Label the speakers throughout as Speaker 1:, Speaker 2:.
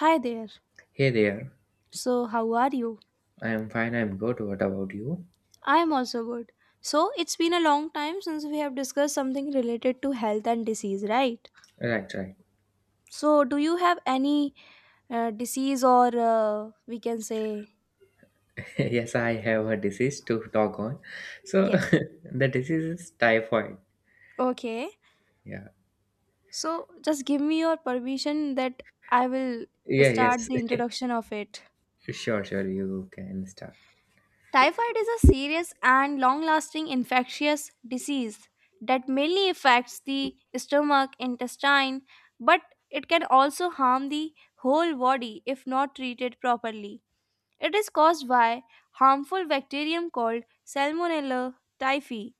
Speaker 1: Hi there.
Speaker 2: Hey there.
Speaker 1: So, how are you?
Speaker 2: I am fine, I'm good. What about you?
Speaker 1: I am also good. So, it's been a long time since we have discussed something related to health and disease, right?
Speaker 2: Right, right.
Speaker 1: So, do you have any disease or we can say
Speaker 2: Yes, I have a disease to talk on. So
Speaker 1: yes?
Speaker 2: the disease is typhoid.
Speaker 1: Okay.
Speaker 2: Yeah.
Speaker 1: So, just give me your permission that I will
Speaker 2: Yeah,
Speaker 1: start
Speaker 2: yes.
Speaker 1: the introduction of it.
Speaker 2: Sure, sure, you can start.
Speaker 1: Typhoid is a serious and long lasting infectious disease that mainly affects the stomach, intestine, but it can also harm the whole body if not treated properly. It is caused by harmful bacterium called Salmonella typhi.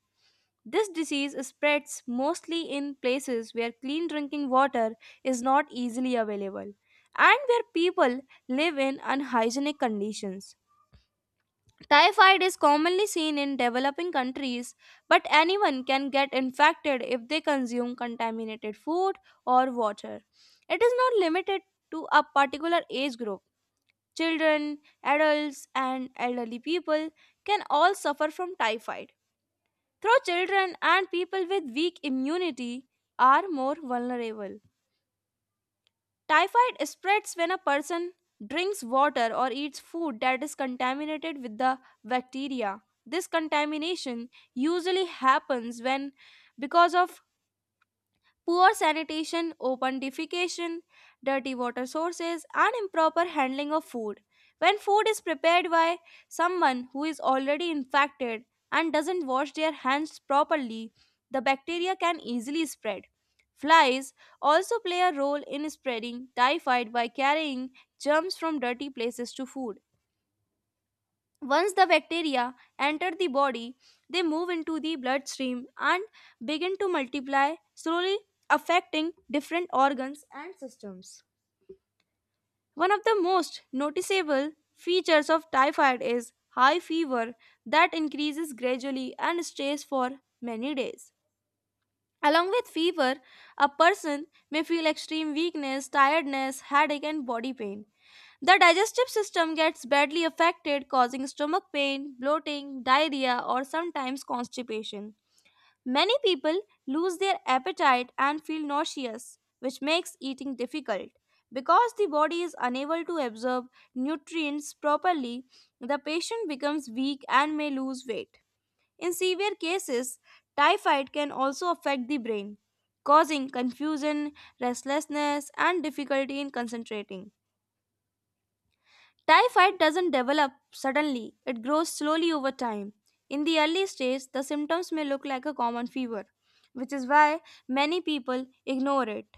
Speaker 1: This disease spreads mostly in places where clean drinking water is not easily available and where people live in unhygienic conditions. Typhoid is commonly seen in developing countries, but anyone can get infected if they consume contaminated food or water. It is not limited to a particular age group. Children, adults, and elderly people can all suffer from typhoid, though children and people with weak immunity are more vulnerable. Typhoid spreads when a person drinks water or eats food that is contaminated with the bacteria. This contamination usually happens when because of poor sanitation, open defecation, dirty water sources, and improper handling of food. When food is prepared by someone who is already infected and doesn't wash their hands properly, the bacteria can easily spread. Flies also play a role in spreading typhoid by carrying germs from dirty places to food. Once the bacteria enter the body, they move into the bloodstream and begin to multiply, slowly affecting different organs and systems. One of the most noticeable features of typhoid is high fever that increases gradually and stays for many days. Along with fever, a person may feel extreme weakness, tiredness, headache, and body pain. The digestive system gets badly affected, causing stomach pain, bloating, diarrhea, or sometimes constipation. Many people lose their appetite and feel nauseous, which makes eating difficult. Because the body is unable to absorb nutrients properly, the patient becomes weak and may lose weight. In severe cases, typhoid can also affect the brain, causing confusion, restlessness, and difficulty in concentrating. Typhoid doesn't develop suddenly, it grows slowly over time. In the early stage, the symptoms may look like a common fever, which is why many people ignore it.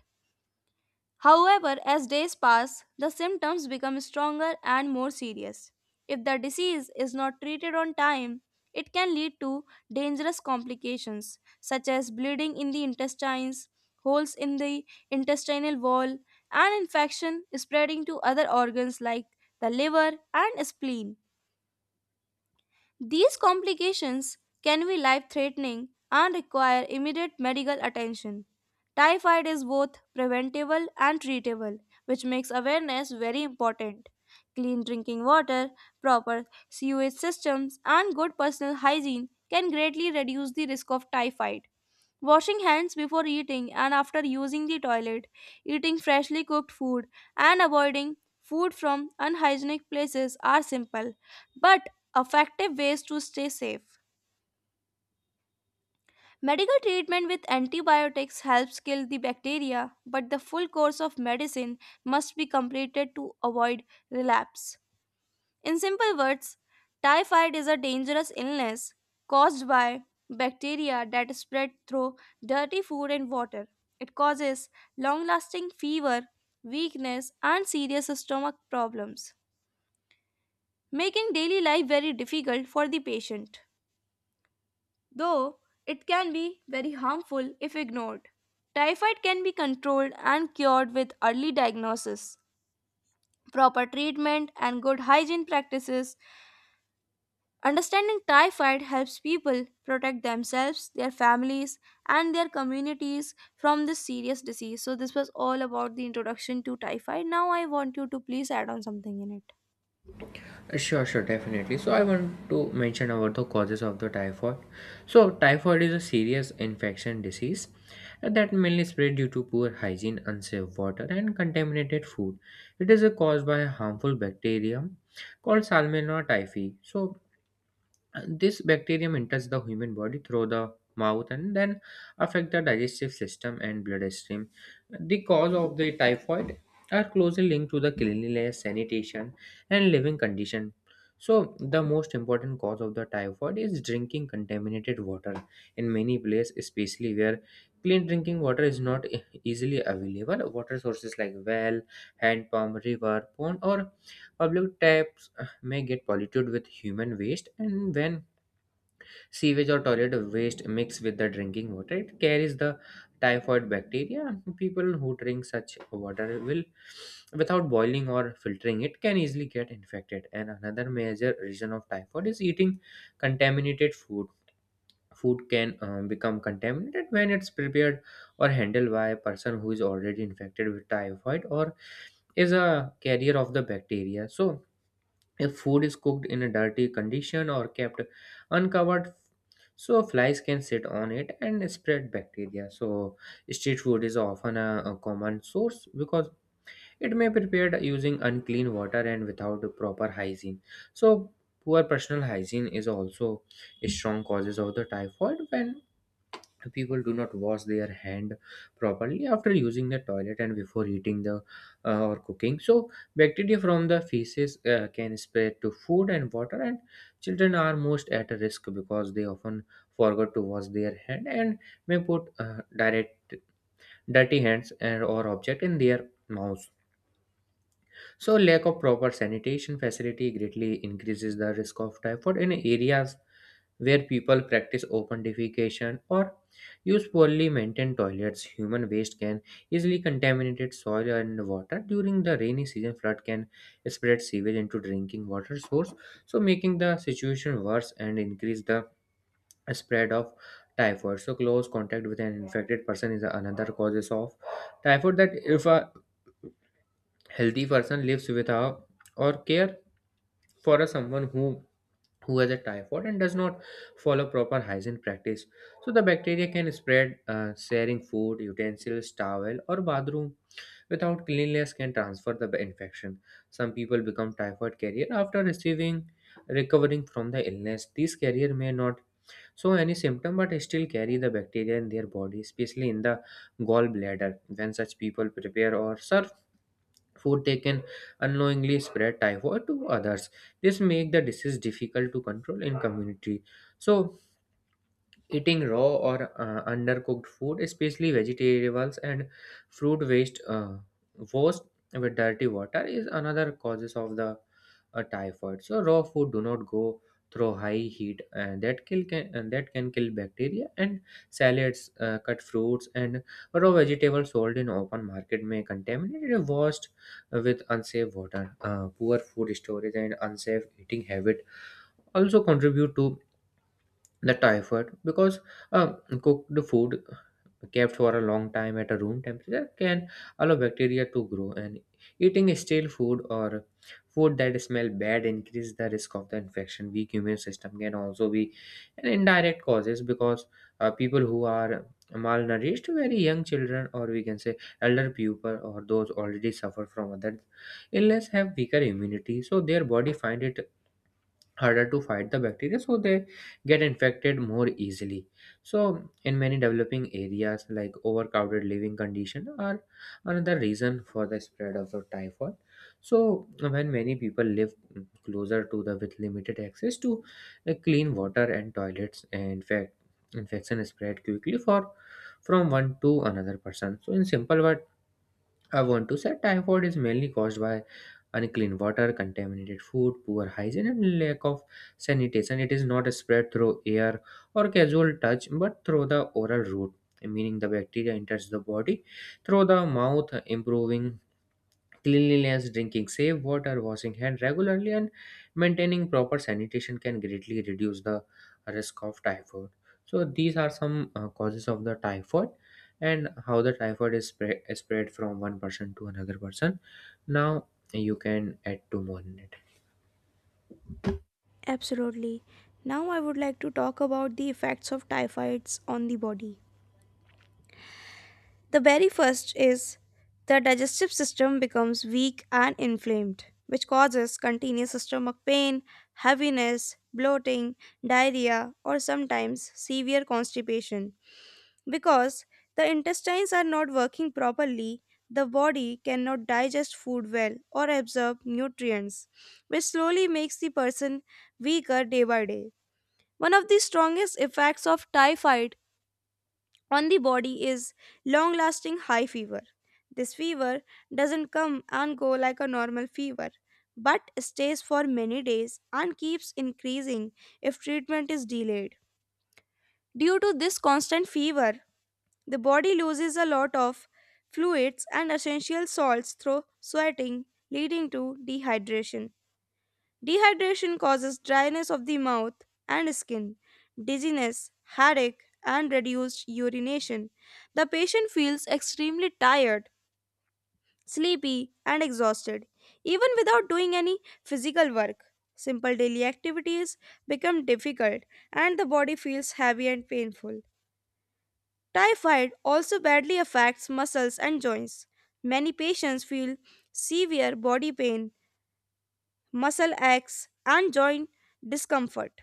Speaker 1: However, as days pass, the symptoms become stronger and more serious. If the disease is not treated on time, it can lead to dangerous complications such as bleeding in the intestines, holes in the intestinal wall, and infection spreading to other organs like the liver and spleen. These complications can be life threatening and require immediate medical attention. Typhoid is both preventable and treatable, which makes awareness very important. Clean drinking water, proper sewage systems, and good personal hygiene can greatly reduce the risk of typhoid. Washing hands before eating and after using the toilet, eating freshly cooked food, and avoiding food from unhygienic places are simple but effective ways to stay safe. Medical treatment with antibiotics helps kill the bacteria, but the full course of medicine must be completed to avoid relapse. In simple words, typhoid is a dangerous illness caused by bacteria that spread through dirty food and water. It causes long lasting fever, weakness, and serious stomach problems, making daily life very difficult for the patient. Though it can be very harmful if ignored, typhoid can be controlled and cured with early diagnosis, proper treatment, and good hygiene practices. Understanding typhoid helps people protect themselves, their families, and their communities from this serious disease. So, this was all about the introduction to typhoid. Now, I want you to please add on something in it.
Speaker 2: Sure, sure, definitely. So I want to mention about the causes of the typhoid. So typhoid is a serious infection disease that mainly spread due to poor hygiene, unsafe water, and contaminated food. It is caused by a harmful bacterium called Salmonella typhi. So and this bacterium enters the human body through the mouth and then affect the digestive system and bloodstream. The cause of the typhoid are closely linked to the cleanliness, sanitation, and living condition. So the most important cause of the typhoid is drinking contaminated water in many places, especially where clean drinking water is not easily available. Water sources like well, hand pump, river, pond, or public taps may get polluted with human waste, and when sewage or toilet waste mixed with the drinking water, it carries the typhoid bacteria. People who drink such water will, without boiling or filtering it, can easily get infected. And another major reason of typhoid is eating contaminated food. Food can become contaminated when it's prepared or handled by a person who is already infected with typhoid or is a carrier of the bacteria. So, if food is cooked in a dirty condition or kept uncovered, so flies can sit on it and spread bacteria. So street food is often a common source because it may be prepared using unclean water and without proper hygiene. So poor personal hygiene is also a strong causes of the typhoid when people do not wash their hand properly after using the toilet and before eating the or cooking. So bacteria from the feces can spread to food and water, and children are most at risk because they often forget to wash their hand and may put direct dirty hands and or object in their mouth. So lack of proper sanitation facility greatly increases the risk of typhoid in areas where people practice open defecation or use poorly maintained toilets. Human waste can easily contaminate soil and water. During the rainy season, flood can spread sewage into drinking water source, so making the situation worse and increase the spread of typhoid. So close contact with an infected person is another causes of typhoid, that if a healthy person lives without or care for a someone who has a typhoid and does not follow proper hygiene practice. So the bacteria can spread. Sharing food, utensils, towel, or bathroom without cleanliness can transfer the infection. Some people become typhoid carrier after receiving recovering from the illness. These carrier may not show any symptom but still carry the bacteria in their body, especially in the gallbladder. When such people prepare or serve food, they can unknowingly spread typhoid to others. This make the disease difficult to control in community. So eating raw or undercooked food, especially vegetables and fruit waste washed with dirty water, is another causes of the typhoid. So raw food do not go through high heat, and that can kill bacteria. And salads, cut fruits, and raw vegetables sold in open market may contaminated if washed with unsafe water. Poor food storage and unsafe eating habit also contribute to the typhoid because cooked food kept for a long time at a room temperature can allow bacteria to grow, and eating stale food or food that smell bad increase the risk of the infection. Weak immune system can also be an indirect causes because people who are malnourished, very young children, or we can say elder people, or those already suffer from other illness have weaker immunity, so their body find it harder to fight the bacteria, so they get infected more easily. So in many developing areas like overcrowded living conditions are another reason for the spread of the typhoid. So when many people live closer to the, with limited access to clean water and toilets, in fact infection spread quickly for from one to another person. So in simple word, I want to say typhoid is mainly caused by unclean water, contaminated food, poor hygiene, and lack of sanitation. It is not spread through air or casual touch, but through the oral route, meaning the bacteria enters the body through the mouth. Improving cleanliness, drinking safe water, washing hand regularly, and maintaining proper sanitation can greatly reduce the risk of typhoid. So these are some causes of the typhoid and how the typhoid is spread, from one person to another person. Now you can add two more in it.
Speaker 1: Absolutely. Now I would like to talk about the effects of typhoids on the body. The very first is the digestive system becomes weak and inflamed, which causes continuous stomach pain, heaviness, bloating, diarrhea, or sometimes severe constipation. Because the intestines are not working properly, the body cannot digest food well or absorb nutrients, which slowly makes the person weaker day by day. One of the strongest effects of typhoid on the body is long lasting high fever. This fever doesn't come and go like a normal fever, but stays for many days and keeps increasing if treatment is delayed. Due to this constant fever, the body loses a lot of fluids and essential salts through sweating, leading to dehydration. Dehydration causes dryness of the mouth and skin, dizziness, headache, and reduced urination. The patient feels extremely tired, sleepy, and exhausted, even without doing any physical work. Simple daily activities become difficult, and the body feels heavy and painful. Typhoid also badly affects muscles and joints. Many patients feel severe body pain, muscle aches, and joint discomfort.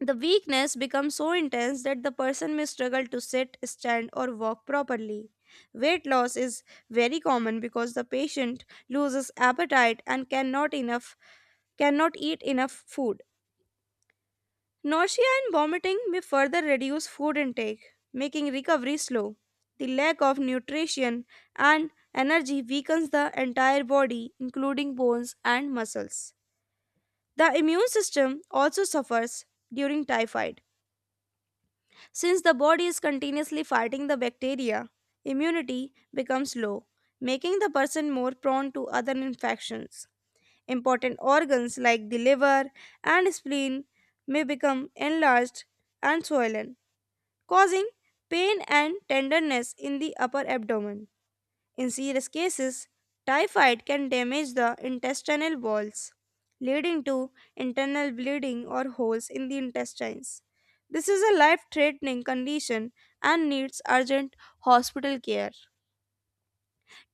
Speaker 1: The weakness becomes so intense that the person may struggle to sit, stand, or walk properly. Weight loss is very common because the patient loses appetite and cannot eat enough food. Nausea and vomiting may further reduce food intake, making recovery slow. The lack of nutrition and energy weakens the entire body, including bones and muscles. The immune system also suffers during typhoid. Since the body is continuously fighting the bacteria, immunity becomes low, making the person more prone to other infections. Important organs like the liver and spleen may become enlarged and swollen, causing pain and tenderness in the upper abdomen. In serious cases, typhoid can damage the intestinal walls, leading to internal bleeding or holes in the intestines. This is a life threatening condition and needs urgent hospital care.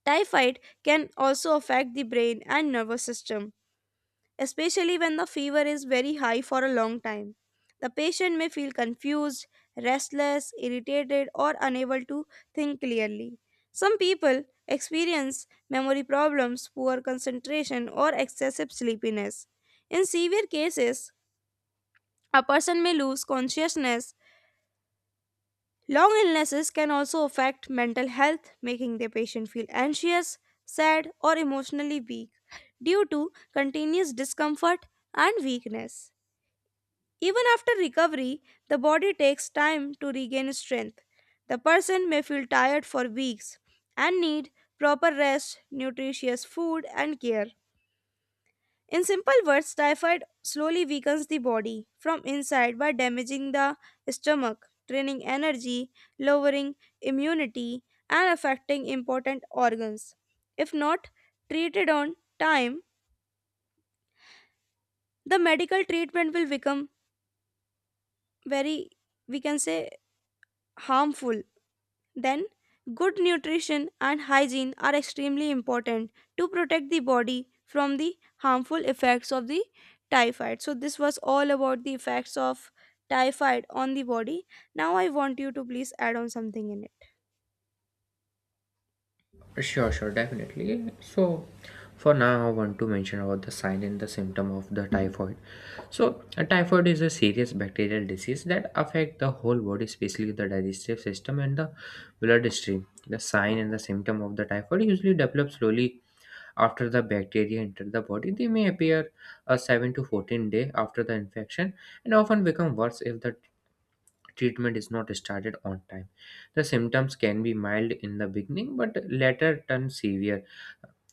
Speaker 1: Typhoid can also affect the brain and nervous system, especially when the fever is very high for a long time. The patient may feel confused, restless, irritated, or unable to think clearly. Some people experience memory problems, poor concentration, or excessive sleepiness. In severe cases, a person may lose consciousness. Long illnesses can also affect mental health, making the patient feel anxious, sad, or emotionally weak due to continuous discomfort and weakness. Even after recovery, the body takes time to regain strength. The person may feel tired for weeks and need proper rest, nutritious food, and care. In simple words, typhoid slowly weakens the body from inside by damaging the stomach, draining energy, lowering immunity, and affecting important organs. If not treated on time, the medical treatment will become very, we can say, harmful. Then, good nutrition and hygiene are extremely important to protect the body from the harmful effects of the typhoid. So, this was all about the effects of typhoid on the body. Now, I want you to please add on something in it.
Speaker 2: Sure, sure, definitely. So for now, I want to mention about the sign and the symptom of the typhoid. So, a typhoid is a serious bacterial disease that affects the whole body, especially the digestive system and the bloodstream. The sign and the symptom of the typhoid usually develop slowly after the bacteria enter the body. They may appear a 7 to 14 day after the infection and often become worse if the treatment is not started on time. The symptoms can be mild in the beginning but later turn severe.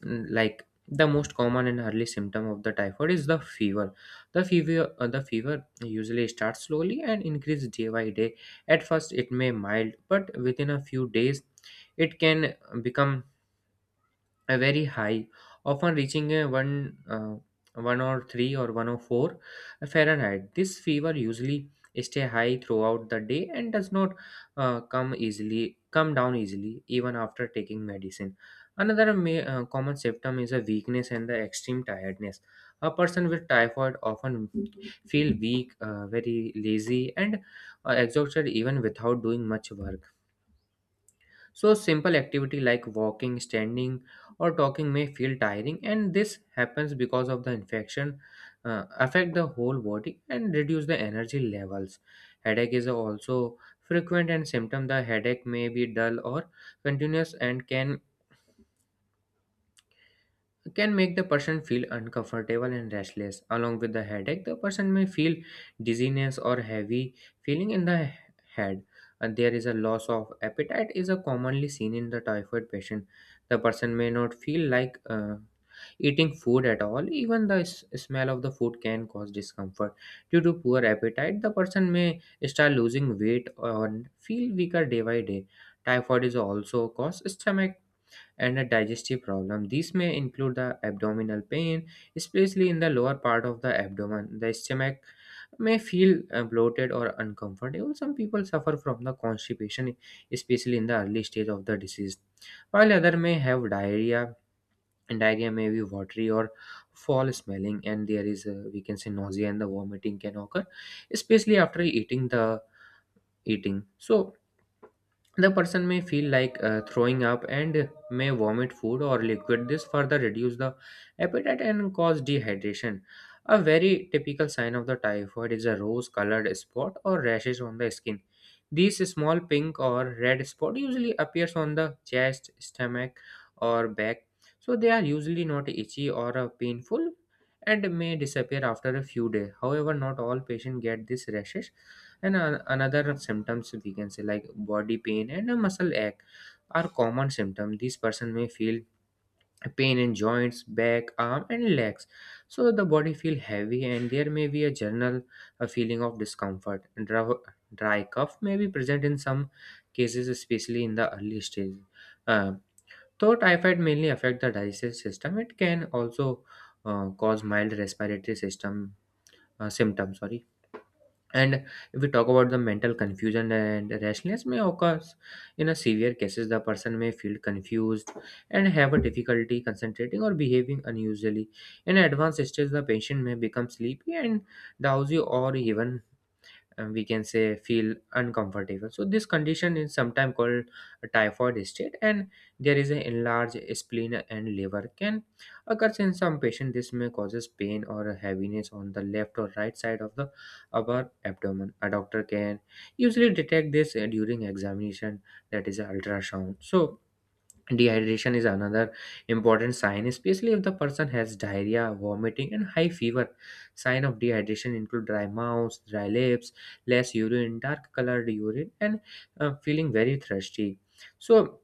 Speaker 2: Like, the most common and early symptom of the typhoid is the fever. The fever usually starts slowly and increases day by day. At first it may mild, but within a few days it can become a very high, often reaching one or three or one or four Fahrenheit. This fever usually stay high throughout the day and does not come down easily even after taking medicine. Another common symptom is a weakness and the extreme tiredness. A person with typhoid often feel weak, very lazy, and exhausted even without doing much work. So, a simple activity like walking, standing, or talking may feel tiring, and this happens because of the infection affect the whole body and reduce the energy levels. Headache is also frequent and symptom. The headache may be dull or continuous and can make the person feel uncomfortable and restless. Along with the headache, the person may feel dizziness or heavy feeling in the head. And there is a loss of appetite is a commonly seen in the typhoid patient. The person may not feel like eating food at all. Even the smell of the food can cause discomfort. Due to poor appetite, the person may start losing weight or feel weaker day by day. Typhoid is also cause stomach and a digestive problem. These may include the abdominal pain, especially in the lower part of the abdomen. The stomach may feel bloated or uncomfortable. Some people suffer from the constipation, especially in the early stage of the disease, while other may have diarrhea. And diarrhea may be watery or foul smelling, and there is a, we can say, nausea and the vomiting can occur, especially after eating. So the person may feel like throwing up and may vomit food or liquid. This further reduce the appetite and cause dehydration. A very typical sign of the typhoid is a rose-colored spot or rashes on the skin. These small pink or red spot usually appears on the chest, stomach, or back. So they are usually not itchy or painful and may disappear after a few days. However, not all patients get these rashes. And another symptoms, we can say, like body pain and a muscle ache are common symptom. This person may feel pain in joints, back, arm, and legs, so the body feel heavy and there may be a general feeling of discomfort. Dry cough may be present in some cases, especially in the early stage. uh, though typhoid mainly affect the digestive system, it can also cause mild respiratory system symptoms, sorry. And if we talk about the mental confusion and rashness may occur. In a severe cases, the person may feel confused and have a difficulty concentrating or behaving unusually. In advanced stage, the patient may become sleepy and drowsy or even, and we can say, feel uncomfortable. So this condition is sometimes called typhoid state. And there is an enlarged spleen and liver can occurs in some patient. This may causes pain or heaviness on the left or right side of the upper abdomen. A doctor can usually detect this during examination, that is ultrasound. So dehydration is another important sign, especially if the person has diarrhea, vomiting, and high fever. Sign of dehydration include dry mouth, dry lips, less urine, dark colored urine, and feeling very thirsty. So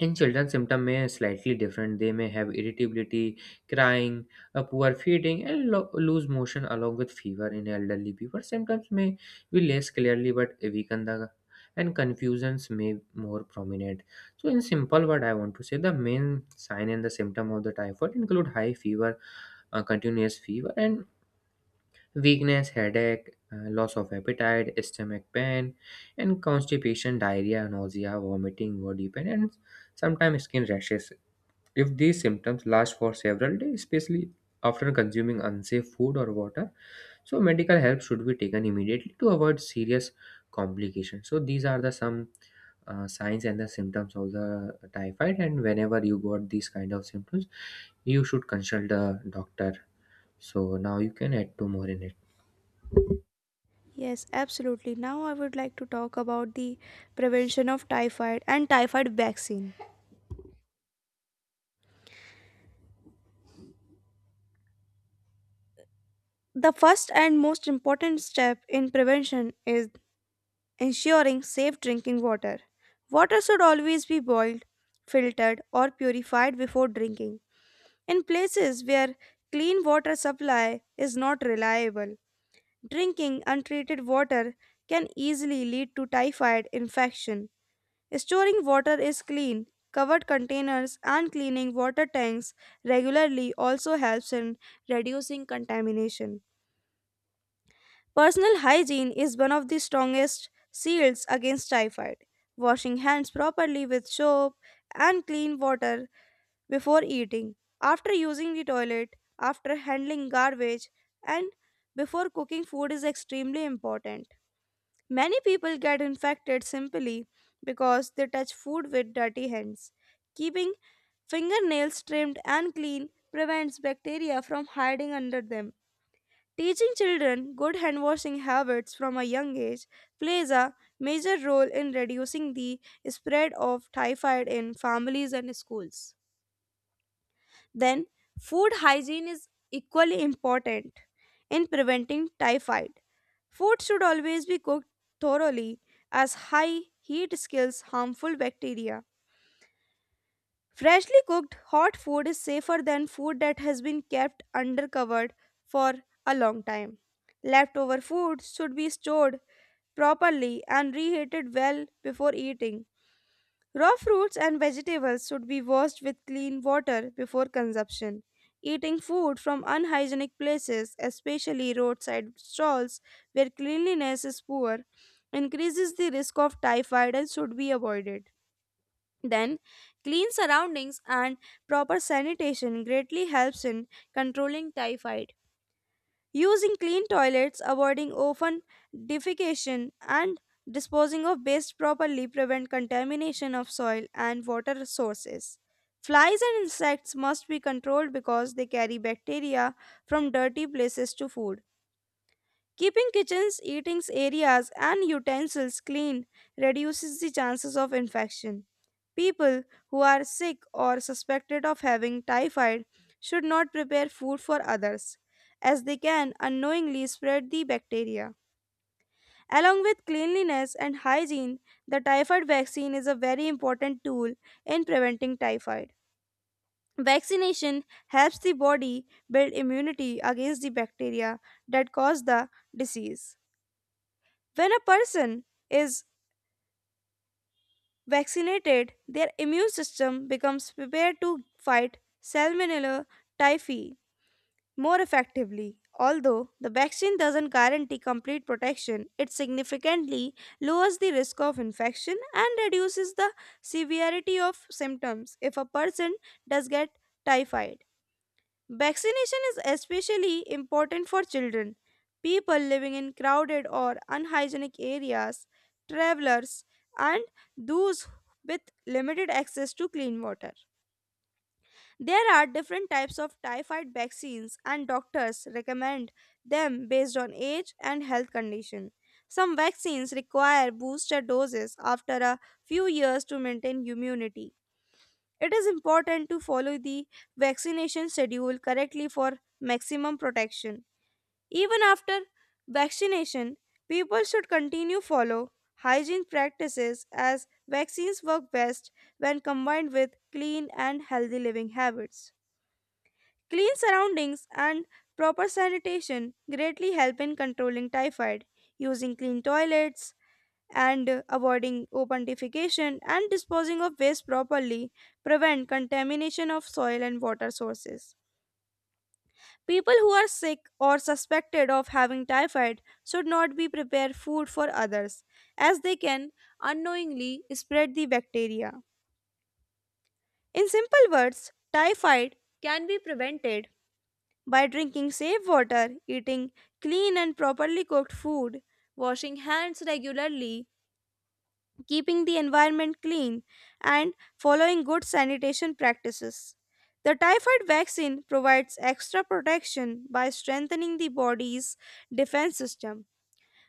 Speaker 2: in children, symptoms may slightly different. They may have irritability, crying, a poor feeding, and loose motion along with fever. In elderly people, symptoms may be less clearly but weaken the and confusions may more prominent. So, in simple word, I want to say the main sign and the symptom of the typhoid include high fever, continuous fever, and weakness, headache, loss of appetite, stomach pain, and constipation, diarrhea, nausea, vomiting, body pain, and sometimes skin rashes. If these symptoms last for several days, especially after consuming unsafe food or water, so medical help should be taken immediately to avoid serious complications. So these are the some signs and the symptoms of the typhoid, and whenever you got these kind of symptoms, you should consult the doctor. So now you can add two more in it.
Speaker 1: Yes, absolutely. Now, I would like to talk about the prevention of typhoid and typhoid vaccine. The first and most important step in prevention is ensuring safe drinking water. Water should always be boiled, filtered, or purified before drinking. In places where clean water supply is not reliable, drinking untreated water can easily lead to typhoid infection. Storing water is clean. Covered containers and cleaning water tanks regularly also helps in reducing contamination. Personal hygiene is one of the strongest shields against typhoid. Washing hands properly with soap and clean water before eating, after using the toilet, after handling garbage, and before cooking food is extremely important. Many people get infected simply because they touch food with dirty hands. Keeping fingernails trimmed and clean prevents bacteria from hiding under them. Teaching children good hand washing habits from a young age plays a major role in reducing the spread of typhoid in families and schools. Then, food hygiene is equally important in preventing typhoid. Food should always be cooked thoroughly, as high heat kills harmful bacteria. Freshly cooked hot food is safer than food that has been kept undercovered for a long time. Leftover food should be stored properly and reheated well before eating. Raw fruits and vegetables should be washed with clean water before consumption. Eating food from unhygienic places, especially roadside stalls where cleanliness is poor, increases the risk of typhoid and should be avoided. Then, clean surroundings and proper sanitation greatly helps in controlling typhoid. Using clean toilets, avoiding often defecation, and disposing of waste properly prevent contamination of soil and water sources. Flies and insects must be controlled because they carry bacteria from dirty places to food. Keeping kitchens, eating areas, and utensils clean reduces the chances of infection. People who are sick or suspected of having typhoid should not prepare food for others, as they can unknowingly spread the bacteria. Along with cleanliness and hygiene, the typhoid vaccine is a very important tool in preventing typhoid. Vaccination helps the body build immunity against the bacteria that cause the disease. When a person is vaccinated, their immune system becomes prepared to fight Salmonella typhi more effectively. Although the vaccine doesn't guarantee complete protection, it significantly lowers the risk of infection and reduces the severity of symptoms if a person does get typhoid. Vaccination is especially important for children, people living in crowded or unhygienic areas, travelers, and those with limited access to clean water. There are different types of typhoid vaccines, and doctors recommend them based on age and health condition. Some vaccines require booster doses after a few years to maintain immunity. It is important to follow the vaccination schedule correctly for maximum protection. Even after vaccination, people should continue follow hygiene practices as vaccines work best when combined with clean and healthy living habits. Clean surroundings and proper sanitation greatly help in controlling typhoid. Using clean toilets, and avoiding open defecation and disposing of waste properly prevent contamination of soil and water sources. People who are sick or suspected of having typhoid should not be prepared food for others, as they can unknowingly spread the bacteria. In simple words, typhoid can be prevented by drinking safe water, eating clean and properly cooked food, washing hands regularly, keeping the environment clean, and following good sanitation practices. The typhoid vaccine provides extra protection by strengthening the body's defense system.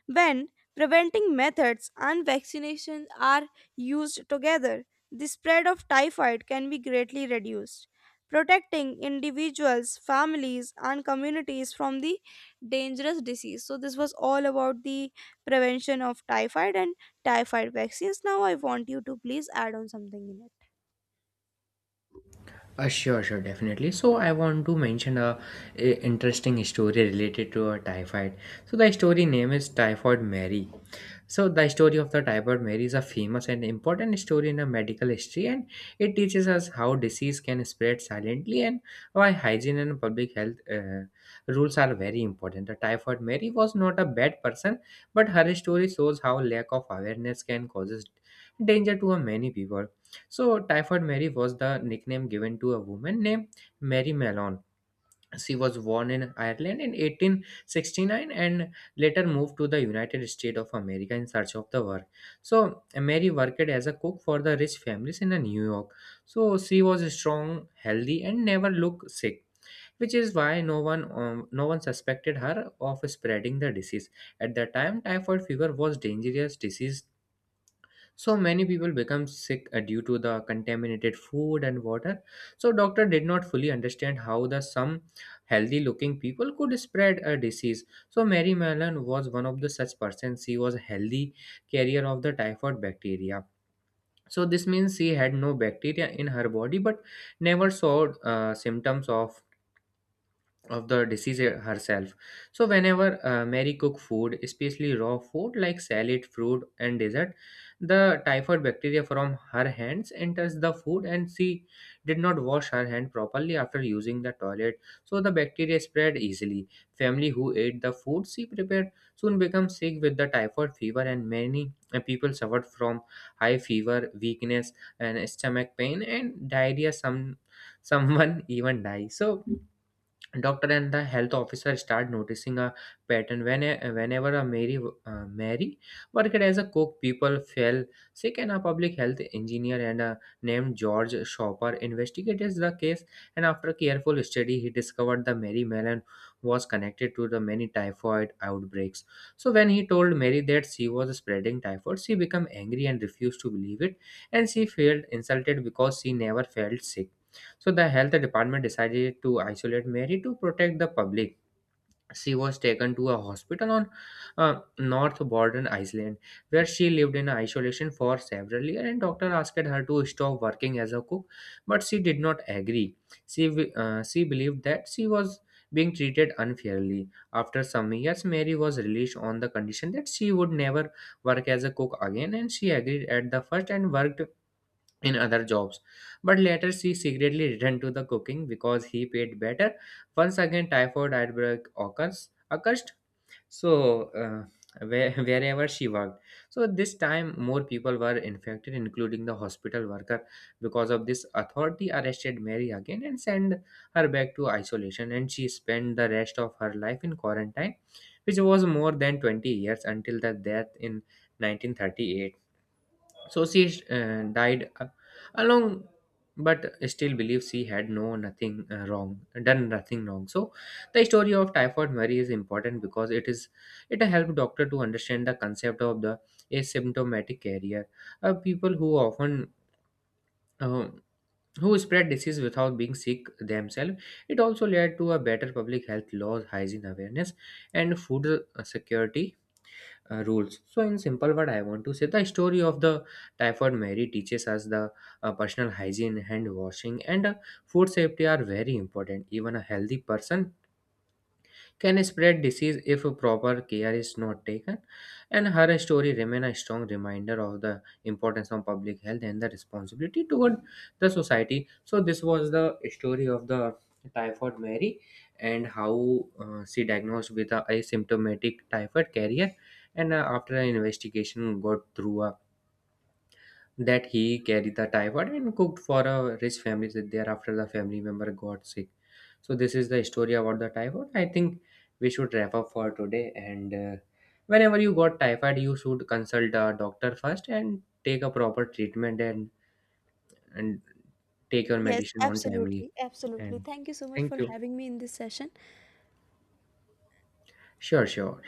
Speaker 1: When preventing methods and vaccination are used together, the spread of typhoid can be greatly reduced, protecting individuals, families, and communities from the dangerous disease. So, this was all about the prevention of typhoid and typhoid vaccines. Now, I want you to please add on something in it.
Speaker 2: Sure, sure, definitely. So I want to mention a interesting story related to a typhoid. So the story name is Typhoid Mary. So, the story of the typhoid Mary is a famous and important story in the medical history, and it teaches us how disease can spread silently and why hygiene and public health rules are very important. The typhoid Mary was not a bad person, but her story shows how lack of awareness can causes danger to a many people. So, typhoid Mary was the nickname given to a woman named Mary Malone. She was born in Ireland in 1869 and later moved to the United States of America in search of the work. So, Mary worked as a cook for the rich families in New York. So, she was strong, healthy, and never looked sick. Which is why no one no one suspected her of spreading the disease. At the time, typhoid fever was dangerous disease so many people become sick due to the contaminated food and water. So doctor did not fully understand how the some healthy looking people could spread a disease. So Mary Mallon was one of the such persons. She was a healthy carrier of the typhoid bacteria. So this means she had no bacteria in her body but never saw symptoms of the disease herself. So whenever mary cook food, especially raw food like salad, fruit, and dessert, the typhoid bacteria from her hands enters the food, and she did not wash her hand properly after using the toilet, so the bacteria spread easily. Family who ate the food she prepared soon become sick with the typhoid fever, and many people suffered from high fever, weakness, and stomach pain and diarrhea. Some someone even die. So doctor and the health officer start noticing a pattern when whenever a mary mary worked as a cook, people fell sick. And a public health engineer and a named george shopper investigated the case, and after careful study he discovered the mary melon was connected to the many typhoid outbreaks. So when he told mary that she was spreading typhoid, she became angry and refused to believe it, and she felt insulted because she never felt sick. So the health department decided to isolate Mary to protect the public. She was taken to a hospital on North Borden Island, where she lived in isolation for several years. And doctor asked her to stop working as a cook, but she did not agree. She believed that she was being treated unfairly. After some years, Mary was released on the condition that she would never work as a cook again, and she agreed at the first and worked in other jobs, but later she secretly returned to the cooking because he paid better. Once again, typhoid outbreak occurs so uh, wherever she worked. So this time more people were infected, including the hospital worker. Because of this, authority arrested mary again and sent her back to isolation, and she spent the rest of her life in quarantine, which was more than 20 years until the death in 1938. Sosie died along, but still believes she had no nothing wrong, done nothing wrong. So, the story of typhoid Mary is important because it helped doctor to understand the concept of the asymptomatic carrier, people who often uh, who spread disease without being sick themselves. It also led to a better public health laws, hygiene awareness, and food security rules. So, in simple word, I want to say the story of the typhoid Mary teaches us the personal hygiene, hand washing, and food safety are very important. Even a healthy person can spread disease if proper care is not taken, and her story remains a strong reminder of the importance of public health and the responsibility toward the society. So this was the story of the typhoid mary and how she diagnosed with a asymptomatic typhoid carrier, and after an investigation got through a that he carried the typhoid and cooked for a rich family that thereafter the family member got sick. So this is the story about the typhoid. I think we should wrap up for today, and whenever you got typhoid you should consult a doctor first and take a proper treatment and take your
Speaker 1: Yes,
Speaker 2: medicine on timely
Speaker 1: absolutely. Absolutely.
Speaker 2: and
Speaker 1: Thank you so much for
Speaker 2: thank you.
Speaker 1: having me in this session.
Speaker 2: Sure, sure.